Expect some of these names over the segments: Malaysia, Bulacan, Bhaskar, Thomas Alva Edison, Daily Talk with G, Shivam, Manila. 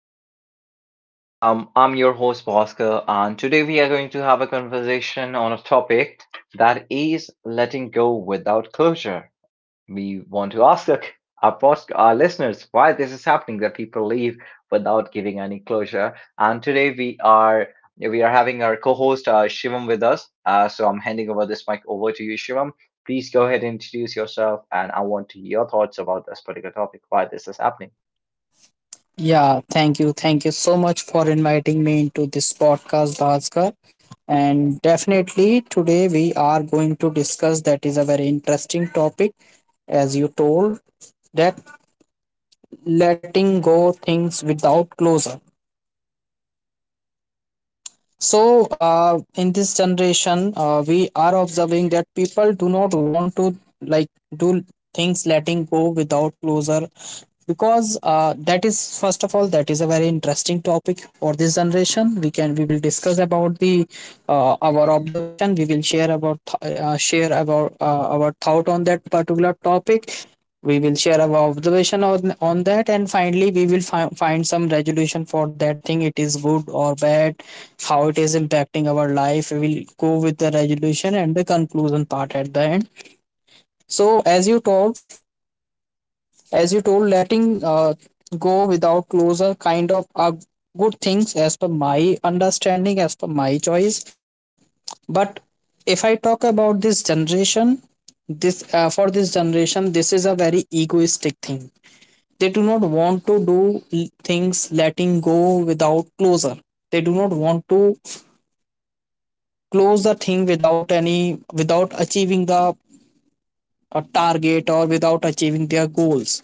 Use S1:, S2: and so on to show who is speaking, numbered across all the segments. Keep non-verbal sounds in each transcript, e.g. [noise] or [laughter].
S1: podcast. I'm your host, Bhaskar, and today we are going to have a conversation on a topic that is letting go without closure. We want to ask our listeners why this is happening, that people leave without giving any closure. And today we are having our co-host Shivam with us. So I'm handing over this mic over to you, Shivam. Please go ahead and introduce yourself, and I want to hear your thoughts about this particular topic, why this is happening.
S2: Yeah, thank you. Thank you so much for inviting me into this podcast, Bhaskar. And definitely today we are going to discuss that is a very interesting topic, as you told, that letting go things without closure. So, in this generation, we are observing that people do not want to like do things letting go without closure because that is first of all that is a very interesting topic for this generation we will discuss about the our observation we will share about share about our thought on that particular topic. We will share our observation on that, and finally we will find some resolution for that thing, it is good or bad, how it is impacting our life. We will go with the resolution and the conclusion part at the end. So as you told, letting go without closure kind of are good things as per my understanding, as per my choice. But if I talk about this generation, this for this generation this is a very egoistic thing. They do not want to do things letting go without closure. They do not want to close the thing without any, without achieving the target or without achieving their goals.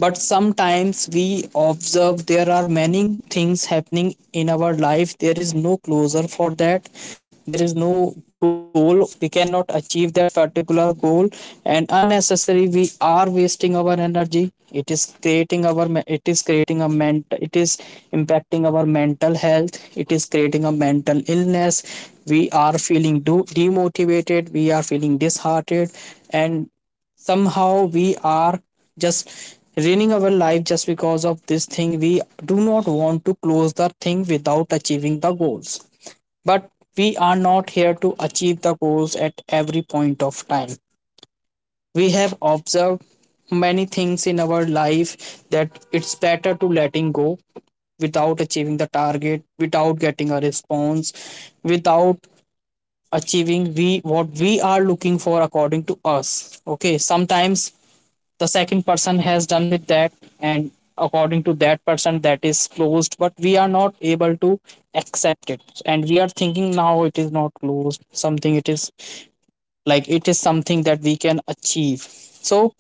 S2: But sometimes we observe there are many things happening in our life, there is no closure for that. There is no goal, we cannot achieve that particular goal, and unnecessary we are wasting our energy. It is creating our, it is creating a mental, it is impacting our mental health, it is creating a mental illness. We are feeling demotivated, we are feeling disheartened, and somehow we are just ruining our life just because of this thing. We do not want to close the thing without achieving the goals. But we are not here to achieve the goals at every point of time. We have observed many things in our life that it's better to letting go without achieving the target, without getting a response, without achieving we what we are looking for according to us. Okay, sometimes the second person has done with that, and according to that person that is closed, but we are not able to accept it, and we are thinking now it is not closed, something it is like it is something that we can achieve. So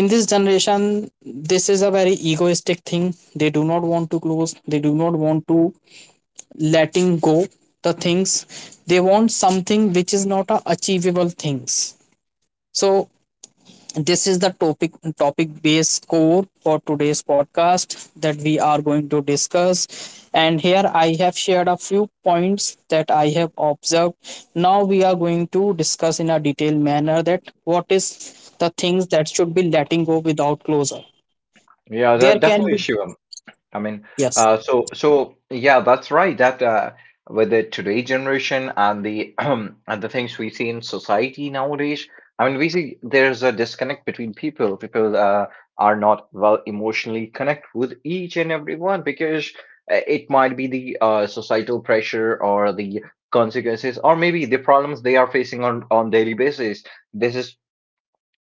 S2: in this generation this is a very egoistic thing, they do not want to close, they do not want to letting go the things. They want something which is not a achievable things. So this is the topic based core for today's podcast that we are going to discuss, and here I have shared a few points that I have observed. Now we are going to discuss in a detailed manner that what is the things that should be letting go without closure.
S1: Yeah,
S2: There
S1: that
S2: can
S1: definitely,
S2: be
S1: Shivam. I mean,
S2: yes
S1: uh, so so yeah, that's right. That With the today generation and the [clears throat] and the things we see in society nowadays, I mean, we see there's a disconnect between people. People are not well emotionally connect with each and everyone because it might be the societal pressure or the consequences, or maybe the problems they are facing on daily basis. This is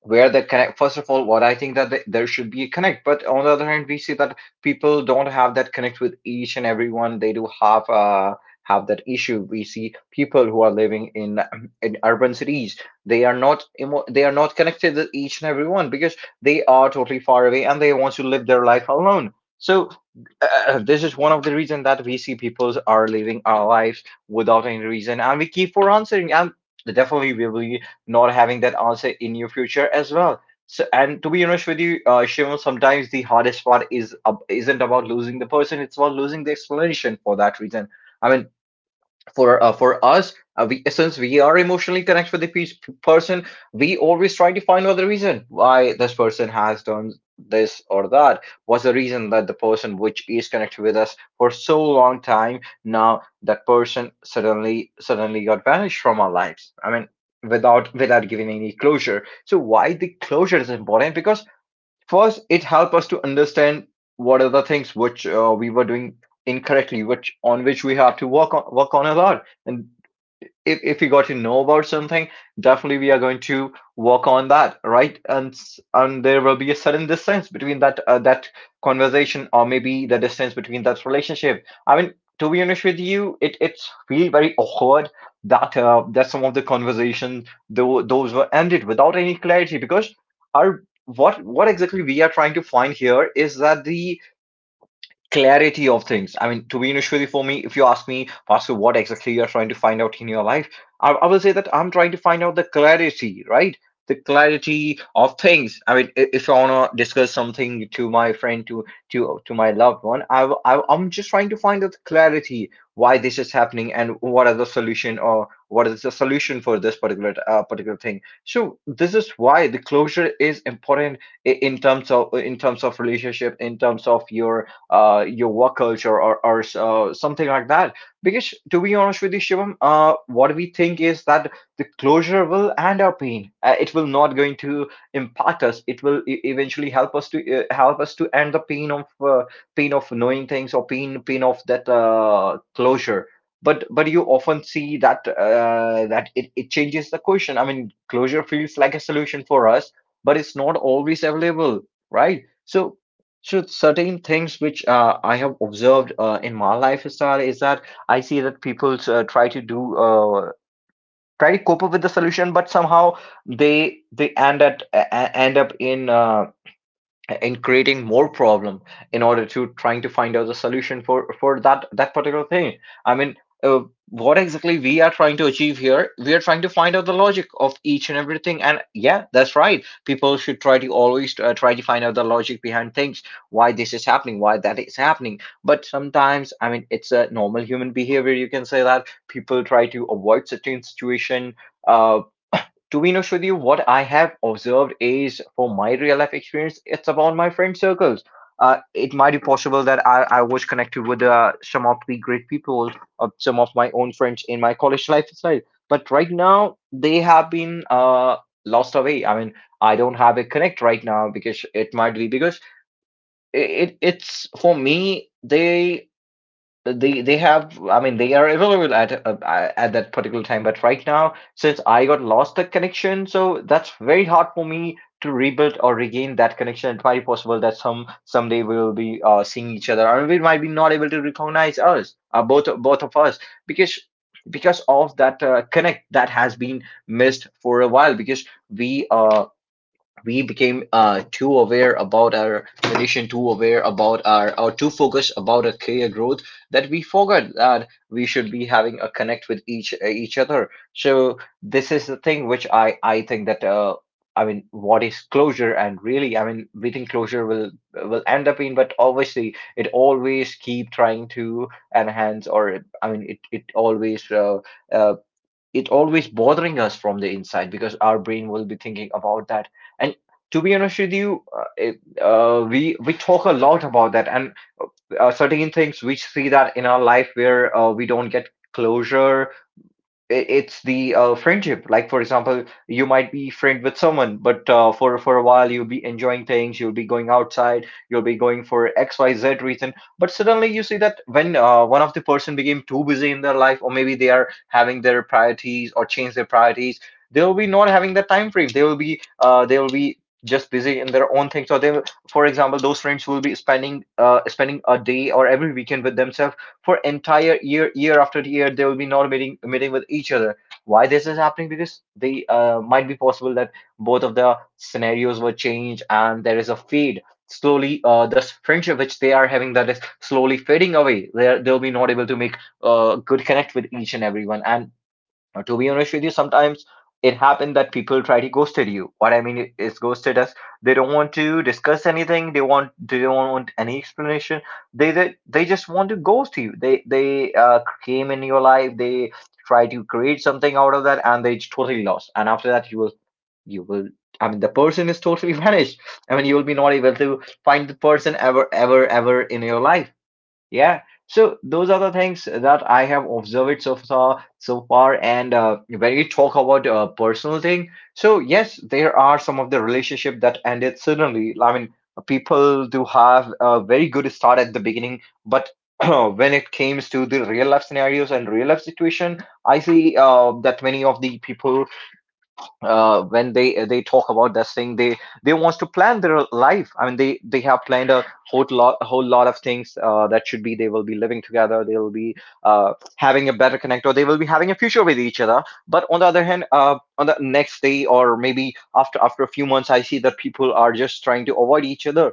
S1: where the connect, first of all, what I think, that there should be a connect. But on the other hand, we see that people don't have that connect with each and everyone. They do have that issue. We see people who are living in [clears throat] in urban cities, they are not emo- they are not connected with each and everyone because they are totally far away and they want to live their life alone. So this is one of the reasons that we see people are living our lives without any reason, and we keep for answering, and definitely we will not having that answer in your future as well. So, and to be honest with you, Shivam, sometimes the hardest part isn't about losing the person; it's about losing the explanation for that reason. I mean, for us we since we are emotionally connected with the person, we always try to find out the reason why this person has done this or that, what's the reason that the person which is connected with us for so long time, now that person suddenly got vanished from our lives. I mean, without giving any closure. So why the closure is important, because first, it helped us to understand what are the things which we were doing incorrectly, which, on which we have to work on a lot. And if we got to know about something, definitely we are going to work on that, right? And there will be a sudden distance between that conversation, or maybe the distance between that relationship. I mean, to be honest with you, it's really very awkward that that some of the conversation, though those were ended without any clarity. Because our, what exactly we are trying to find here is that the clarity of things. I mean, to be Vishwari, for me, if you ask me, Pastor, what exactly you're trying to find out in your life, I will say that I'm trying to find out the clarity, right? The clarity of things. I mean, if I wanna discuss something to my friend, to my loved one, I am just trying to find out clarity, why this is happening and what are the solution or what is the solution for this particular thing. So this is why the closure is important, in terms of relationship, in terms of your work culture, or something like that. Because to be honest with you, Shivam, what we think is that the closure will end our pain. It will not going to impact us. It will eventually help us to end the pain of knowing things, or pain of that closure. But you often see that it changes the question. I mean, closure feels like a solution for us, but it's not always available, right? So so certain things which I have observed in my lifestyle is that I see that people try to cope up with the solution, but somehow they end up in creating more problem in order to trying to find out the solution for that that particular thing. I mean, uh, what exactly we are trying to achieve here? We are trying to find out the logic of each and everything. And yeah, that's right, people should try to always try to find out the logic behind things, why this is happening, why that is happening. But sometimes, I mean, it's a normal human behavior, you can say that people try to avoid certain situation. uh, to be honest with you, what I have observed is for my real life experience, it's about my friend circles. It might be possible that I was connected with some of the great people, of some of my own friends in my college lifestyle. But right now, they have been lost away. I mean, I don't have a connect right now, because it might be because it's for me, they have I mean they are available at that particular time, but right now, since I got lost the connection, so that's very hard for me to rebuild or regain that connection. It might be possible that someday we will be seeing each other, or we might be not able to recognize us, both of us. because because of that connect that has been missed for a while, because we became too aware about our condition, too aware about our, or too focused about our career growth, that we forgot that we should be having a connect with each other. So this is the thing which I think that, I mean, what is closure? And really, I mean, we think closure will end up in, but obviously it always keep trying to enhance, or I mean, it always uh, it always bothering us from the inside, because our brain will be thinking about that. And to be honest with you, we talk a lot about that. And certain things we see that in our life, where we don't get closure, it's the friendship, like for example, you might be friend with someone, but for a while you'll be enjoying things, you'll be going outside, you'll be going for xyz reason. But suddenly you see that when one of the person became too busy in their life, or maybe they are having their priorities or change their priorities, they will be not having the time frame, they will be just busy in their own things. So for example, those friends will be spending a day or every weekend with themselves, for entire year after year they will be not meeting with each other. Why this is happening? Because they might be possible that both of the scenarios were changed, and there is a fade, slowly this friendship which they are having, that is slowly fading away. They they'll be not able to make good connect with each and everyone. And to be honest with you, sometimes it happened that people try to ghosted you. What I mean is ghosted us. They don't want to discuss anything. They don't want any explanation. They just want to ghost you. They came in your life, they try to create something out of that, and they totally lost. And after that, you will you will. I mean, the person is totally [laughs] vanished. I mean, you will be not able to find the person ever ever in your life. Yeah. So those are the things that I have observed so far. And when we talk about personal thing, so yes, there are some of the relationship that ended suddenly. I mean, people do have a very good start at the beginning, but [clears throat] when it comes to the real life scenarios and real life situation, I see that many of the people when they talk about this thing they wants to plan their life. I mean, they have planned a whole lot of things that should be, they will be living together, they will be having a better connect, or they will be having a future with each other. But on the other hand, on the next day or maybe after a few months, I see that people are just trying to avoid each other,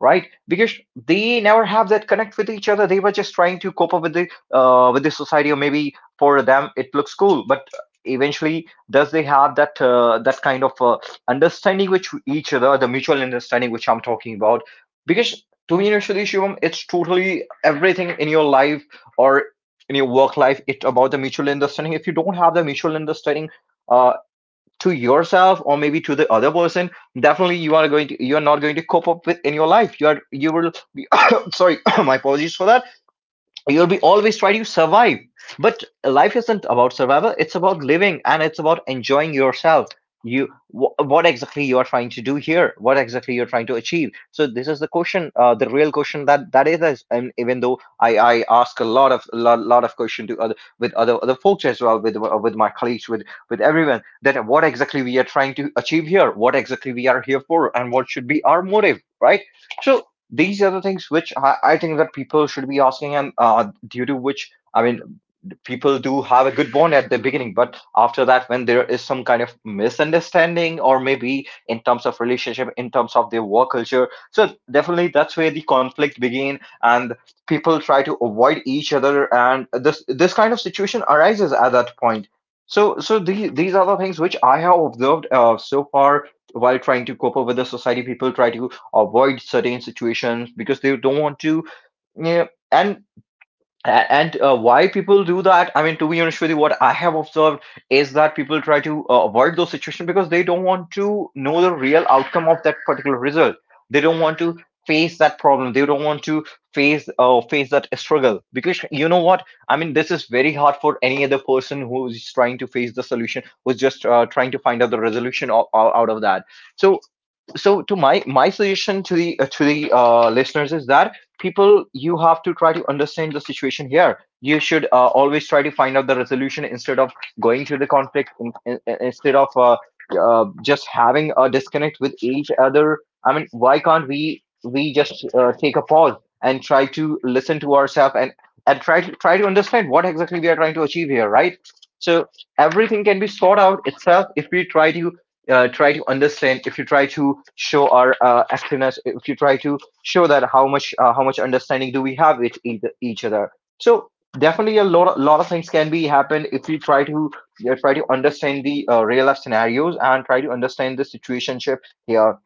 S1: right? Because they never have that connect with each other. They were just trying to cope up with the society, or maybe for them it looks cool, but eventually, does they have that that kind of understanding with each other, the mutual understanding which I'm talking about? Because to me, initially, Shivam, it's totally everything in your life or in your work life. It's about the mutual understanding. If you don't have the mutual understanding uh, to yourself or maybe to the other person, definitely you are not going to cope up with in your life. You will [coughs] sorry, [coughs] my apologies for that. You'll be always trying to survive, but life isn't about survival. It's about living, and it's about enjoying yourself. What exactly you are trying to do here? What exactly you're trying to achieve? So this is the question, the real question and even though I ask a lot of lot of question to other, with other folks as well, with my colleagues, with everyone, that what exactly we are trying to achieve here, what exactly we are here for, and what should be our motive, right? So these are the things which I think that people should be asking. And due to which, I mean, people do have a good bond at the beginning, but after that, when there is some kind of misunderstanding, or maybe in terms of relationship, in terms of their work culture, so definitely that's where the conflict begin. And people try to avoid each other, and this kind of situation arises at that point. So these are the things which I have observed so far. While trying to cope up with the society, people try to avoid certain situations because they don't want to. Yeah. And a- And why people do that? I mean, to be honest with you, what I have observed is that people try to avoid those situations because they don't want to know the real outcome of that particular result. They don't want to face that problem. They don't want to face face that struggle. Because you know what? I mean, this is very hard for any other person who's trying to face the solution, who's just trying to find out the resolution out of that. So to my suggestion to the listeners is that, people, you have to try to understand the situation here. You should always try to find out the resolution instead of going to the conflict, instead of just having a disconnect with each other. I mean, why can't we just take a pause and try to listen to ourselves, and try to understand what exactly we are trying to achieve here, right? So everything can be sought out itself if we try to try to understand, if you try to show our activeness, if you try to show that how much understanding do we have with each other. So definitely a lot of things can be happen if you try to, you know, try to understand the real life scenarios and try to understand the situationship here.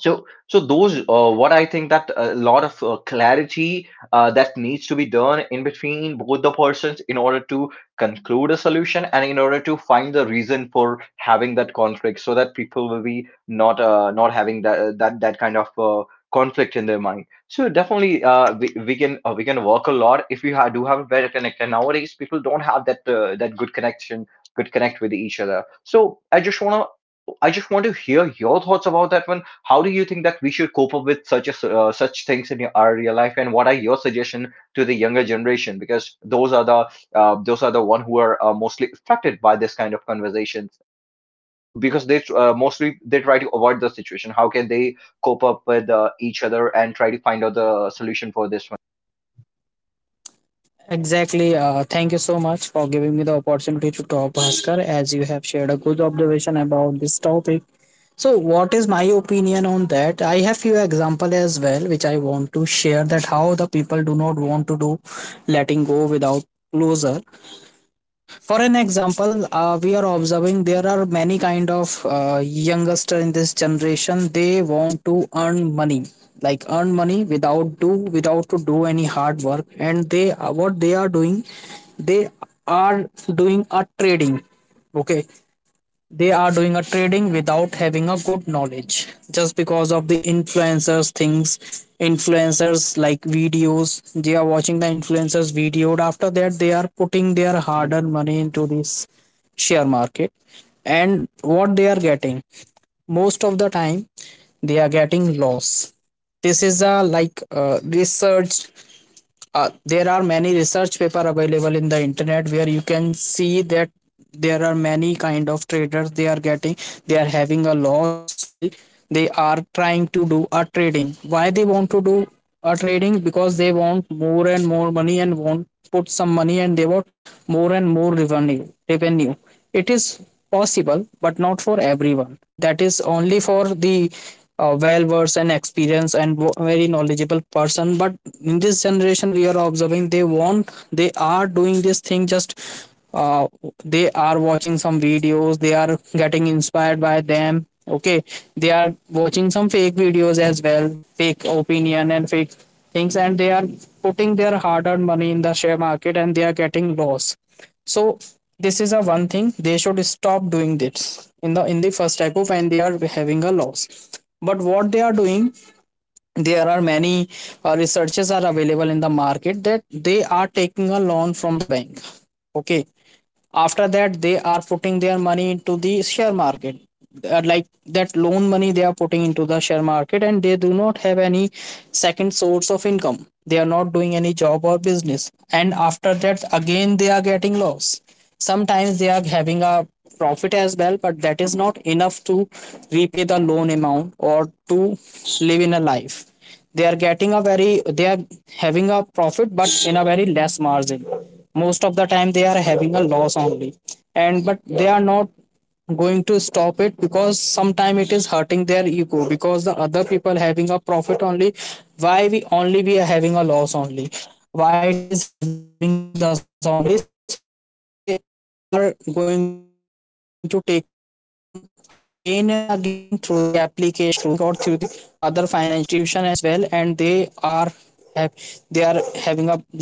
S1: So, those what I think, that a lot of clarity that needs to be done in between both the persons in order to conclude a solution, and in order to find the reason for having that conflict, so that people will be not not having that kind of conflict in their mind. So definitely, we can we can work a lot if do have a better connect. And nowadays, people don't have that that good connection, good connect with each other. So I just want to hear your thoughts about that one. How do you think that we should cope up with such such things in our real life, and what are your suggestion to the younger generation? Because those are the one who are mostly affected by this kind of conversations, because they mostly they try to avoid the situation. How can they cope up with each other and try to find out the solution for this one?
S2: exactly. Thank you so much for giving me the opportunity to talk, Bhaskar. As you have shared a good observation about this topic. So, what is my opinion on that? I have few example as well, which I want to share that how the people do not want to do letting go without closure. For an example, we are observing there are many kind of youngster in this generation. They want to earn money, like earn money without do without to do any hard work, and they what they are doing a trading, okay. They are doing a trading without having a good knowledge. Just because of the influencers things, influencers like videos, they are watching the influencers video. After that, they are putting their hard-earned money into this share market. And what they are getting, most of the time, they are getting loss. This is a like researched, there are many research paper available in the internet where you can see that there are many kind of traders, they are getting, they are having a loss while they are trying to do a trading. Why they want to do a trading? Because they want more and more money and want put some money, and they want more and more revenue revenue. It is possible but not for everyone, that is only for the well versed and experienced and very knowledgeable person. But in this generation we are observing they are doing this thing just uh, they are watching some videos, they are getting inspired by them, okay. They are watching some fake videos as well, fake opinion and fake things, and they are putting their hard earned money in the share market, and they are getting loss. So this is a one thing, they should stop doing this in the first type of when they are having a loss. But what they are doing, there are many researches are available in the market, that they are taking a loan from the bank, okay. After that they are putting their money into the share market. Like that loan money they are putting into the share market, and they do not have any second source of income. They are not doing any job or business, and after that again they are getting loss. Sometimes they are having a profit as well, but that is not enough to repay the loan amount or to live in a life. They are getting a very, they are having a profit but in a very less margin. Most of the time they are having a loss only, and but they are not going to stop it, because sometime it is hurting their ego because the other people having a profit only. Why we only we are having a loss only? Why it is having with us only? So they are going to take a loan again and again through the applications, through the bank, or through the other financial institution as well, and they are have, they are having a like they are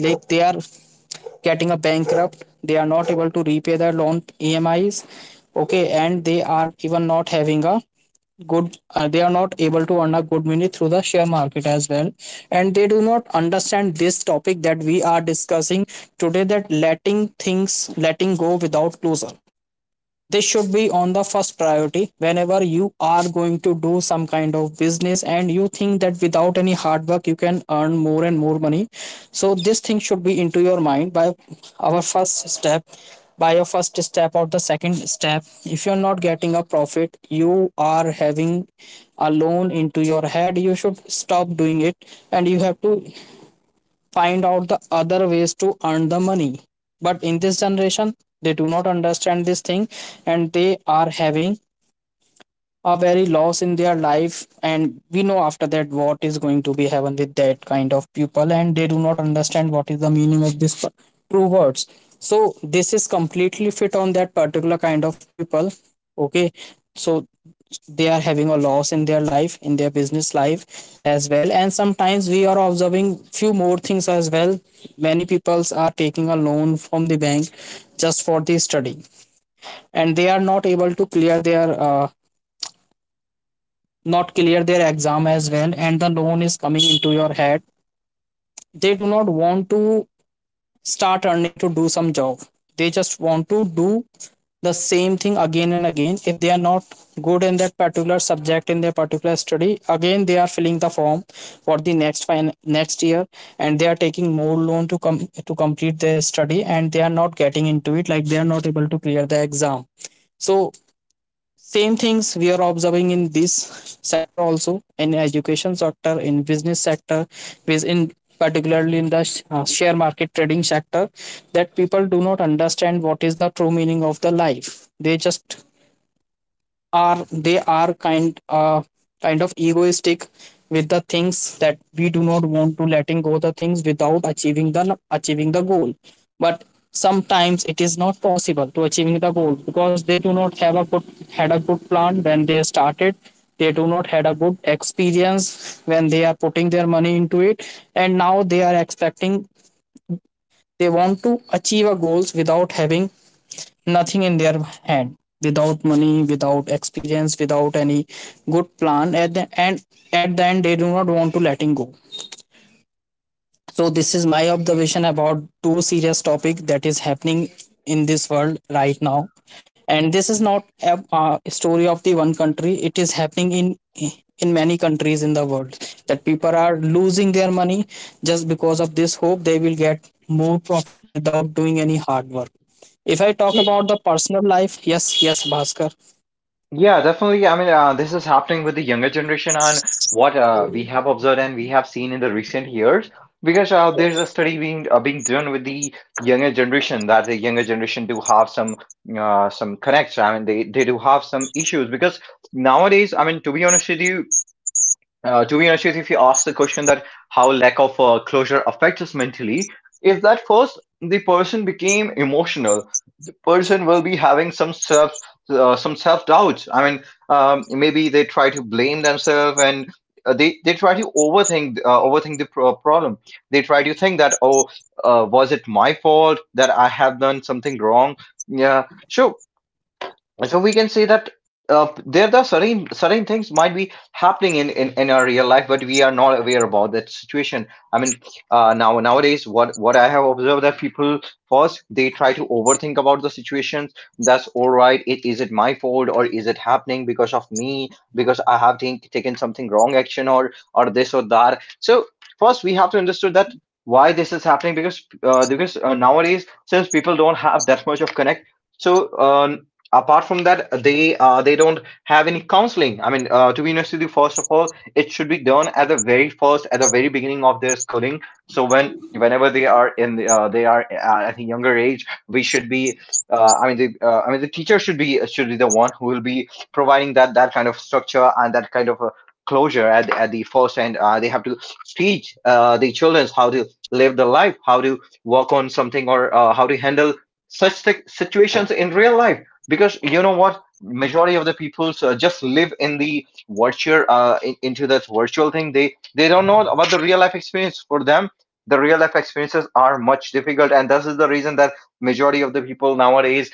S2: getting a bankrupt, they are not able to repay their loan emis, okay. And they are even not having a good, they are not able to earn a good money through the share market as well. And they do not understand this topic that we are discussing today, that letting things letting go without closure. This should be on the first priority whenever you are going to do some kind of business and you think that without any hard work you can earn more and more money. So this thing should be into your mind by our first step, by your first step or the second step. If you're not getting a profit, you are having a loan into your head, you should stop doing it, and you have to find out the other ways to earn the money. But in this generation they do not understand this thing, and they are having a very loss in their life, and we know after that what is going to be happen with that kind of people. And they do not understand what is the meaning of this true words. So this is completely fit on that particular kind of people, okay. So they are having a loss in their life, in their business life as well. And sometimes we are observing few more things as well. Many peoples are taking a loan from the bank just for the study, and they are not able to clear their not clear their exam as well, and the loan is coming into your head. They do not want to start earning to do some job, they just want to do the same thing again and again. If they are not good in that particular subject, in their particular study, again they are filling the form for the next year, and they are taking more loan to come to complete their study, and they are not getting into it, like they are not able to clear the exam. So same things we are observing in this sector also, in education sector, in business sector, with in particularly in the share market trading sector, that people do not understand what is the true meaning of the life. They just are they are kind of egoistic with the things, that we do not want to letting go the things without achieving the goal. But sometimes it is not possible to achieving the goal because they do not have a good had a good plan when they started. They do not had a good experience when they are putting their money into it, and now they are expecting, they want to achieve a goals without having nothing in their hand, without money, without experience, without any good plan. At the end, at the end, they do not want to letting go. So this is my observation about two serious topic that is happening in this world right now, and this is not a story of the one country, it is happening in many countries in the world, that people are losing their money just because of this hope they will get more profit without doing any hard work. If I talk
S1: Yeah,
S2: about the personal life, yes yes Bhaskar,
S1: Yeah, definitely. I mean, this is happening with the younger generation on what we have observed and we have seen in the recent years. Because there's a study being being done with the younger generation, that the younger generation do have some connects. I mean, they do have some issues because nowadays, I mean, to be honest with you, if you ask the question that how lack of closure affects us mentally, is that first the person became emotional, person will be having some self doubts. I mean, maybe they try to blame themselves, and they try to overthink overthink the problem. They try to think that, oh, was it my fault that I have done something wrong? Yeah, sure. So we can say that there are certain things might be happening in our real life, but we are not aware about that situation. I mean, now nowadays what I have observed, that people first they try to overthink about the situations, that's all right, is it my fault, or is it happening because of me, because I have taken something wrong action, or this or that. So first we have to understand that why this is happening, because nowadays since people don't have that much of connect, so apart from that, they don't have any counseling. I mean, to be honest with you, first of all, it should be done at the very first, at the very beginning of their schooling. So whenever they are in the, they are at a younger age, we should be I mean, the I mean, the teacher should be, should be the one who will be providing that kind of structure and that kind of closure at the first end. They have to teach the children how to live the life, how to work on something, or how to handle such situations in real life. Because you know what, majority of the people just live in the virtual, into that virtual thing. They don't know about the real life experience. For them, the real life experiences are much difficult, and this is the reason that majority of the people nowadays,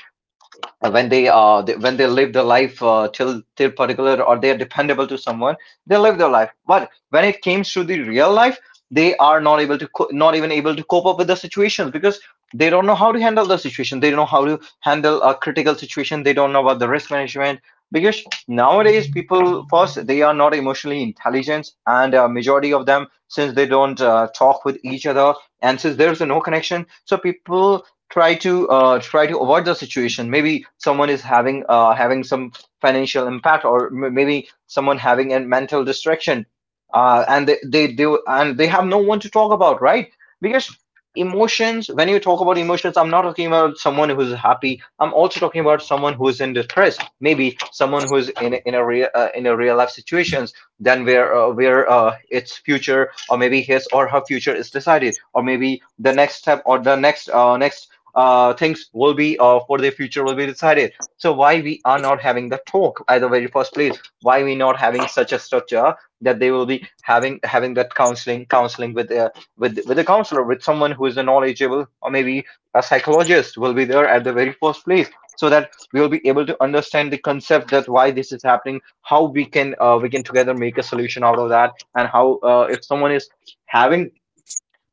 S1: when when they live their life till particular, or they are dependable to someone, they live their life. But when it comes to the real life, they are not able to not even able to cope up with the situations, because they don't know how to handle the situation, they don't know how to handle a critical situation, they don't know about the risk management. Because nowadays people first, they are not emotionally intelligent. And majority of them, since they don't talk with each other, and since there's no connection, so people try to try to avoid the situation. Maybe someone is having having some financial impact, or maybe someone having a mental distraction, and they do, and they have no one to talk about, right? Because emotions, when you talk about emotions, I'm not talking about someone who's happy. I'm also talking about someone who's in distress, maybe someone who's in a real life situations, then where its future, or maybe his or her future is decided, or maybe the next step, or the next next things will be for the future will be decided. So why we are not having the talk at the very first place? Why we not having such a structure that they will be having that counseling with a counselor, with someone who is knowledgeable, or maybe a psychologist will be there at the very first place, so that we will be able to understand the concept, that why this is happening, how we can together make a solution out of that, and how, if someone is having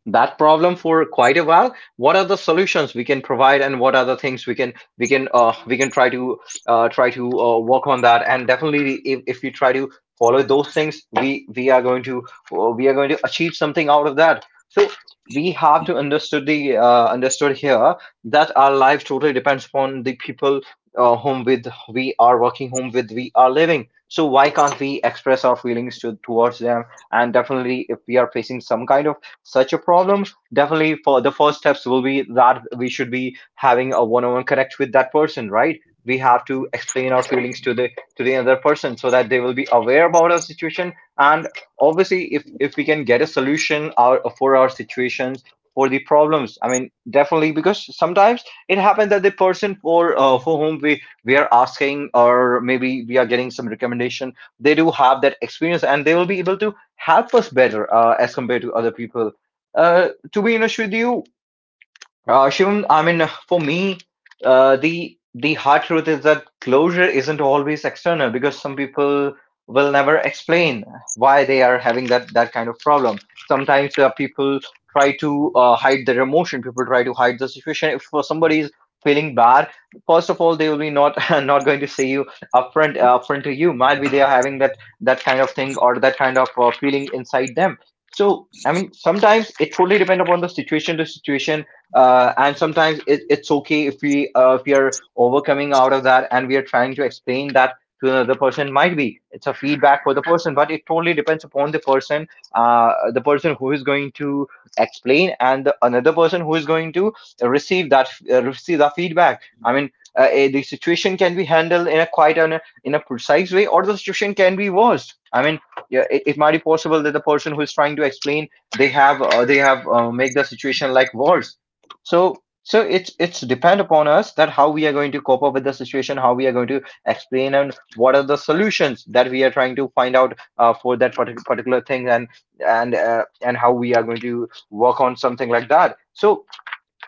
S1: that problem for quite a while, what are the solutions we can provide, and what are the things we can we can try to work on that. And definitely, if we try to follow those things, we are going to we are going to achieve something out of that. So we have to understood the understood here that our life totally depends upon the people whom with we are working, whom with we are living. So why can't we express our feelings towards them? And definitely, if we are facing some kind of such a problem, definitely for the first steps will be that we should be having a one-on-one connect with that person, right? We have to explain our feelings to the other person, so that they will be aware about our situation. And obviously, if we can get a solution for our situations, for the problems, I mean, definitely, because sometimes it happens that the person for whom we are asking, or maybe we are getting some recommendation, they do have that experience, and they will be able to help us better, as compared to other people. To be honest with you, Shivam, I mean, for me, the hard truth is that closure isn't always external, because some people will never explain why they are having that kind of problem. Sometimes people try to hide their emotion. People try to hide the situation. If for somebody is feeling bad, first of all, they will be not [laughs] not going to say you upfront to you. Might be they are having that kind of thing, or that kind of feeling inside them. So. I mean, sometimes it totally depends upon the situation to situation, and sometimes it's okay if we are overcoming out of that, and we are trying to explain that to another person. Might be it's a feedback for the person, but it totally depends upon the person, the person who is going to explain, and the another person who is going to receive that receive the feedback, I mean, the situation can be handled in a quite in a precise way, or the situation can be worse. I mean, yeah, it might be possible that the person who is trying to explain, they have make the situation like worse. So so it's depend upon us, that how we are going to cope up with the situation, how we are going to explain, and what are the solutions that we are trying to find out, for that particular thing, and and how we are going to work on something like that. So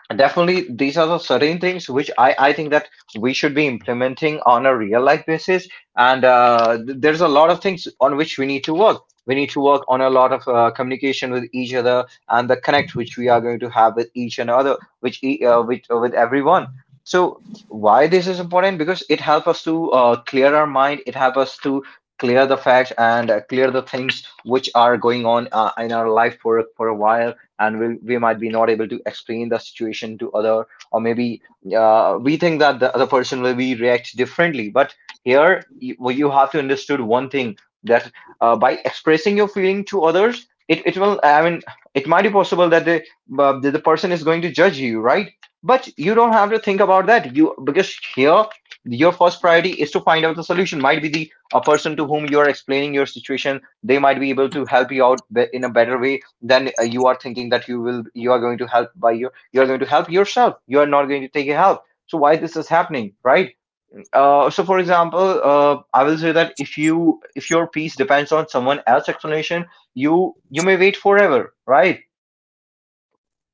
S1: and definitely, these are the certain things which I think that we should be implementing on a real life basis. And there's a lot of things on which we need to work. We need to work on a lot of communication with each other, and the connect which we are going to have with each and other, which with everyone. So why this is important? Because it helps us to clear our mind. It helps us to clear the facts, and clear the things which are going on in our life for a while, and we might be not able to explain the situation to other, or maybe we think that the other person will be react differently. But here you, well, you have to understood one thing, that by expressing your feeling to others, it will, I mean, it might be possible that the person is going to judge you, right? But you don't have to think about that you, because here your first priority is to find out the solution. Might be the a person to whom you are explaining your situation, they might be able to help you out in a better way, then you are thinking that you are going to help by your, you are going to help yourself, you are not going to take a help. So why this is happening, right? So for example, I will say that, if you, if your peace depends on someone else's explanation, you may wait forever, right?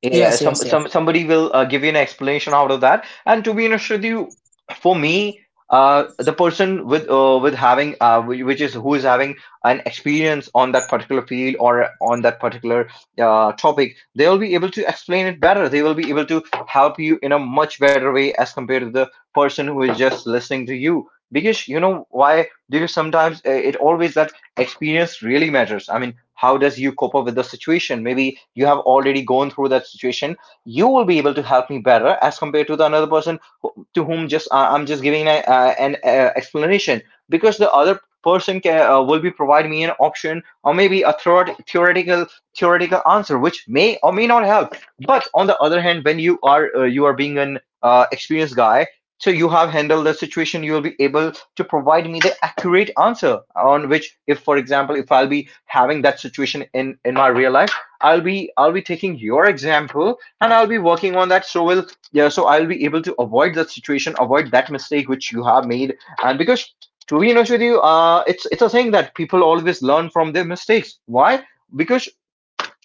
S1: Yeah,
S2: yes
S1: some
S2: yes
S1: some
S2: yes.
S1: somebody will give you an explanation out of that. And to be honest with you, for me, the person with having whi- which is who is having an experience on that particular field, or on that particular topic, they will be able to explain it better. They will be able to help you in a much better way as compared to the person who is just listening to you. Because you know why? Because sometimes it always that experience really matters. I mean, how does you cope up with the situation? Maybe you have already gone through that situation. You will be able to help me better as compared to the another person who- to whom just I'm just giving a, an explanation, because the other person can, will be providing me an option, or maybe a third theoretical answer, which may or may not help. But on the other hand, when you are being an experienced guy, so you have handled the situation. You will be able to provide me the accurate answer, on which, if for example, if I'll be having that situation in my real life, I'll be taking your example, and I'll be working on that. So will yeah. So I'll be able to avoid that situation, avoid that mistake which you have made. And because, to be honest with you, it's a thing that people always learn from their mistakes. Why? Because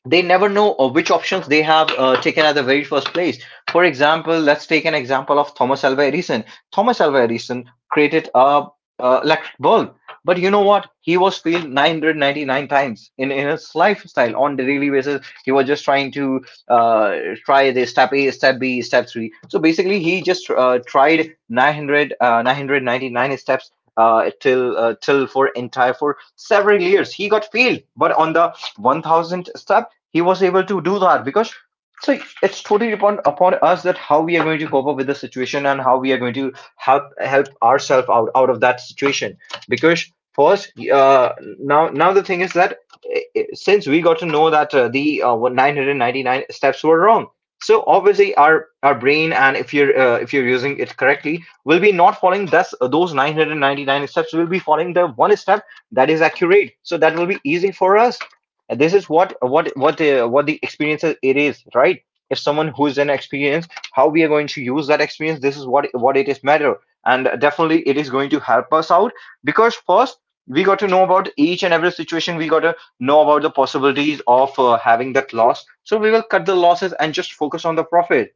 S1: they never know which options they have taken at the very first place. For example, let's take an example of Thomas Alva Edison. Thomas Alva Edison created a, uh, electric bulb, but you know what? He was failed 999 times in his lifestyle on the daily basis. He was just trying to uh, try the step A, step B, step three. So basically, he just tried 999 steps. Till for entire for several years he got failed, but on the 1000th step he was able to do that because. So it's totally upon us, that how we are going to cope up with the situation, and how we are going to help ourselves out of that situation, because first now the thing is that, since we got to know that the 999 steps were wrong, so obviously our brain, and if you're using it correctly, will be not following thus those 999 steps, will be following the one step that is accurate, so that will be easy for us. And this is what what the experience it is, right? If someone who is an experience, how we are going to use that experience, this is what it is matter, and definitely it is going to help us out. Because first we got to know about each and every situation. We got to know about the possibilities of having that loss, so we will cut the losses and just focus on the profit.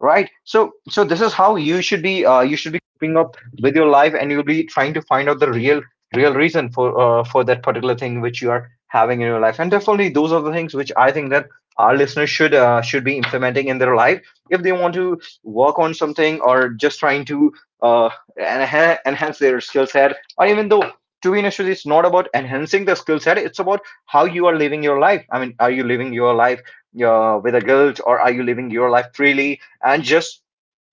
S1: Right. So this is how you should be. You should be keeping up with your life, and you'll be trying to find out the real reason for that particular thing which you are having in your life. And definitely, those are the things which I think that our listeners should be implementing in their life, if they want to work on something, or just trying to uh, enhance their skill set. Or even though, to be honest with you, it's not about enhancing the skill set. It's about how you are living your life. I mean, are you living your life with a guilt, or are you living your life freely, and just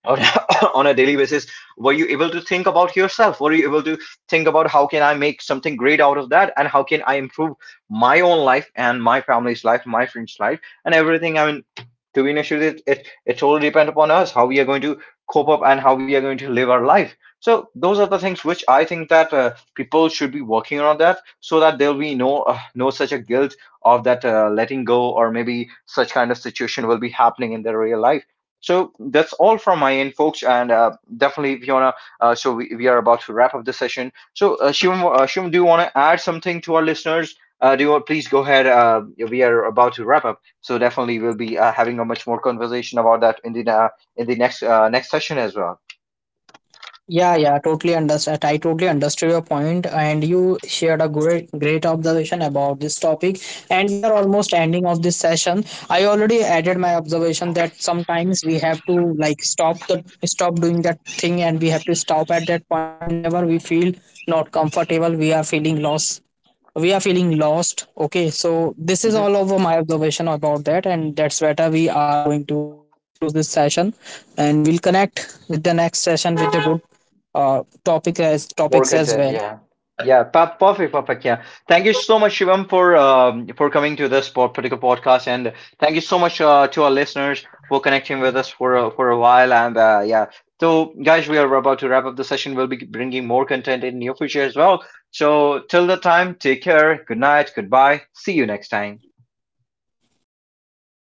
S1: on [laughs] on a daily basis? Were you able to think about yourself? Were you able to think about how can I make something great out of that, and how can I improve my own life, and my family's life, my friends life, and everything? I mean, to be honest with it, it it totally depends upon us how we are going to cope up, and how we are going to live our life. So those are the things which I think that people should be working on that, so that there'll be no no such a guilt of that letting go, or maybe such kind of situation will be happening in their real life. So that's all from my end, folks, and definitely, Fiona. So we are about to wrap up the session. So, Shivam, do you want to add something to our listeners? Do you want, please go ahead? We are about to wrap up, so definitely we'll be having a much more conversation about that in the next next session as well.
S2: Yeah, yeah, totally understand. I totally understood your point, and you shared a great, great observation about this topic. And we are almost ending of this session. I already added my observation that sometimes we have to like stop doing that thing, and we have to stop at that point whenever we feel not comfortable. We are feeling lost. We are feeling lost. Okay, so this is
S1: Mhm.
S2: all over my observation about that, and that's where we are going to close this session, and we'll connect with the next session with the good topic as topics as
S1: Morganton,
S2: well.
S1: yeah. Yeah, perfect, perfect. Yeah, thank you so much, Shivam, for coming to this particular podcast, and thank you so much to our listeners for connecting with us for for a while. And yeah, so guys, we are about to wrap up the session. We'll be bringing more content in near future as well. So till the time, take care. Good night. Goodbye. See you next time.
S2: Thank you. Bye.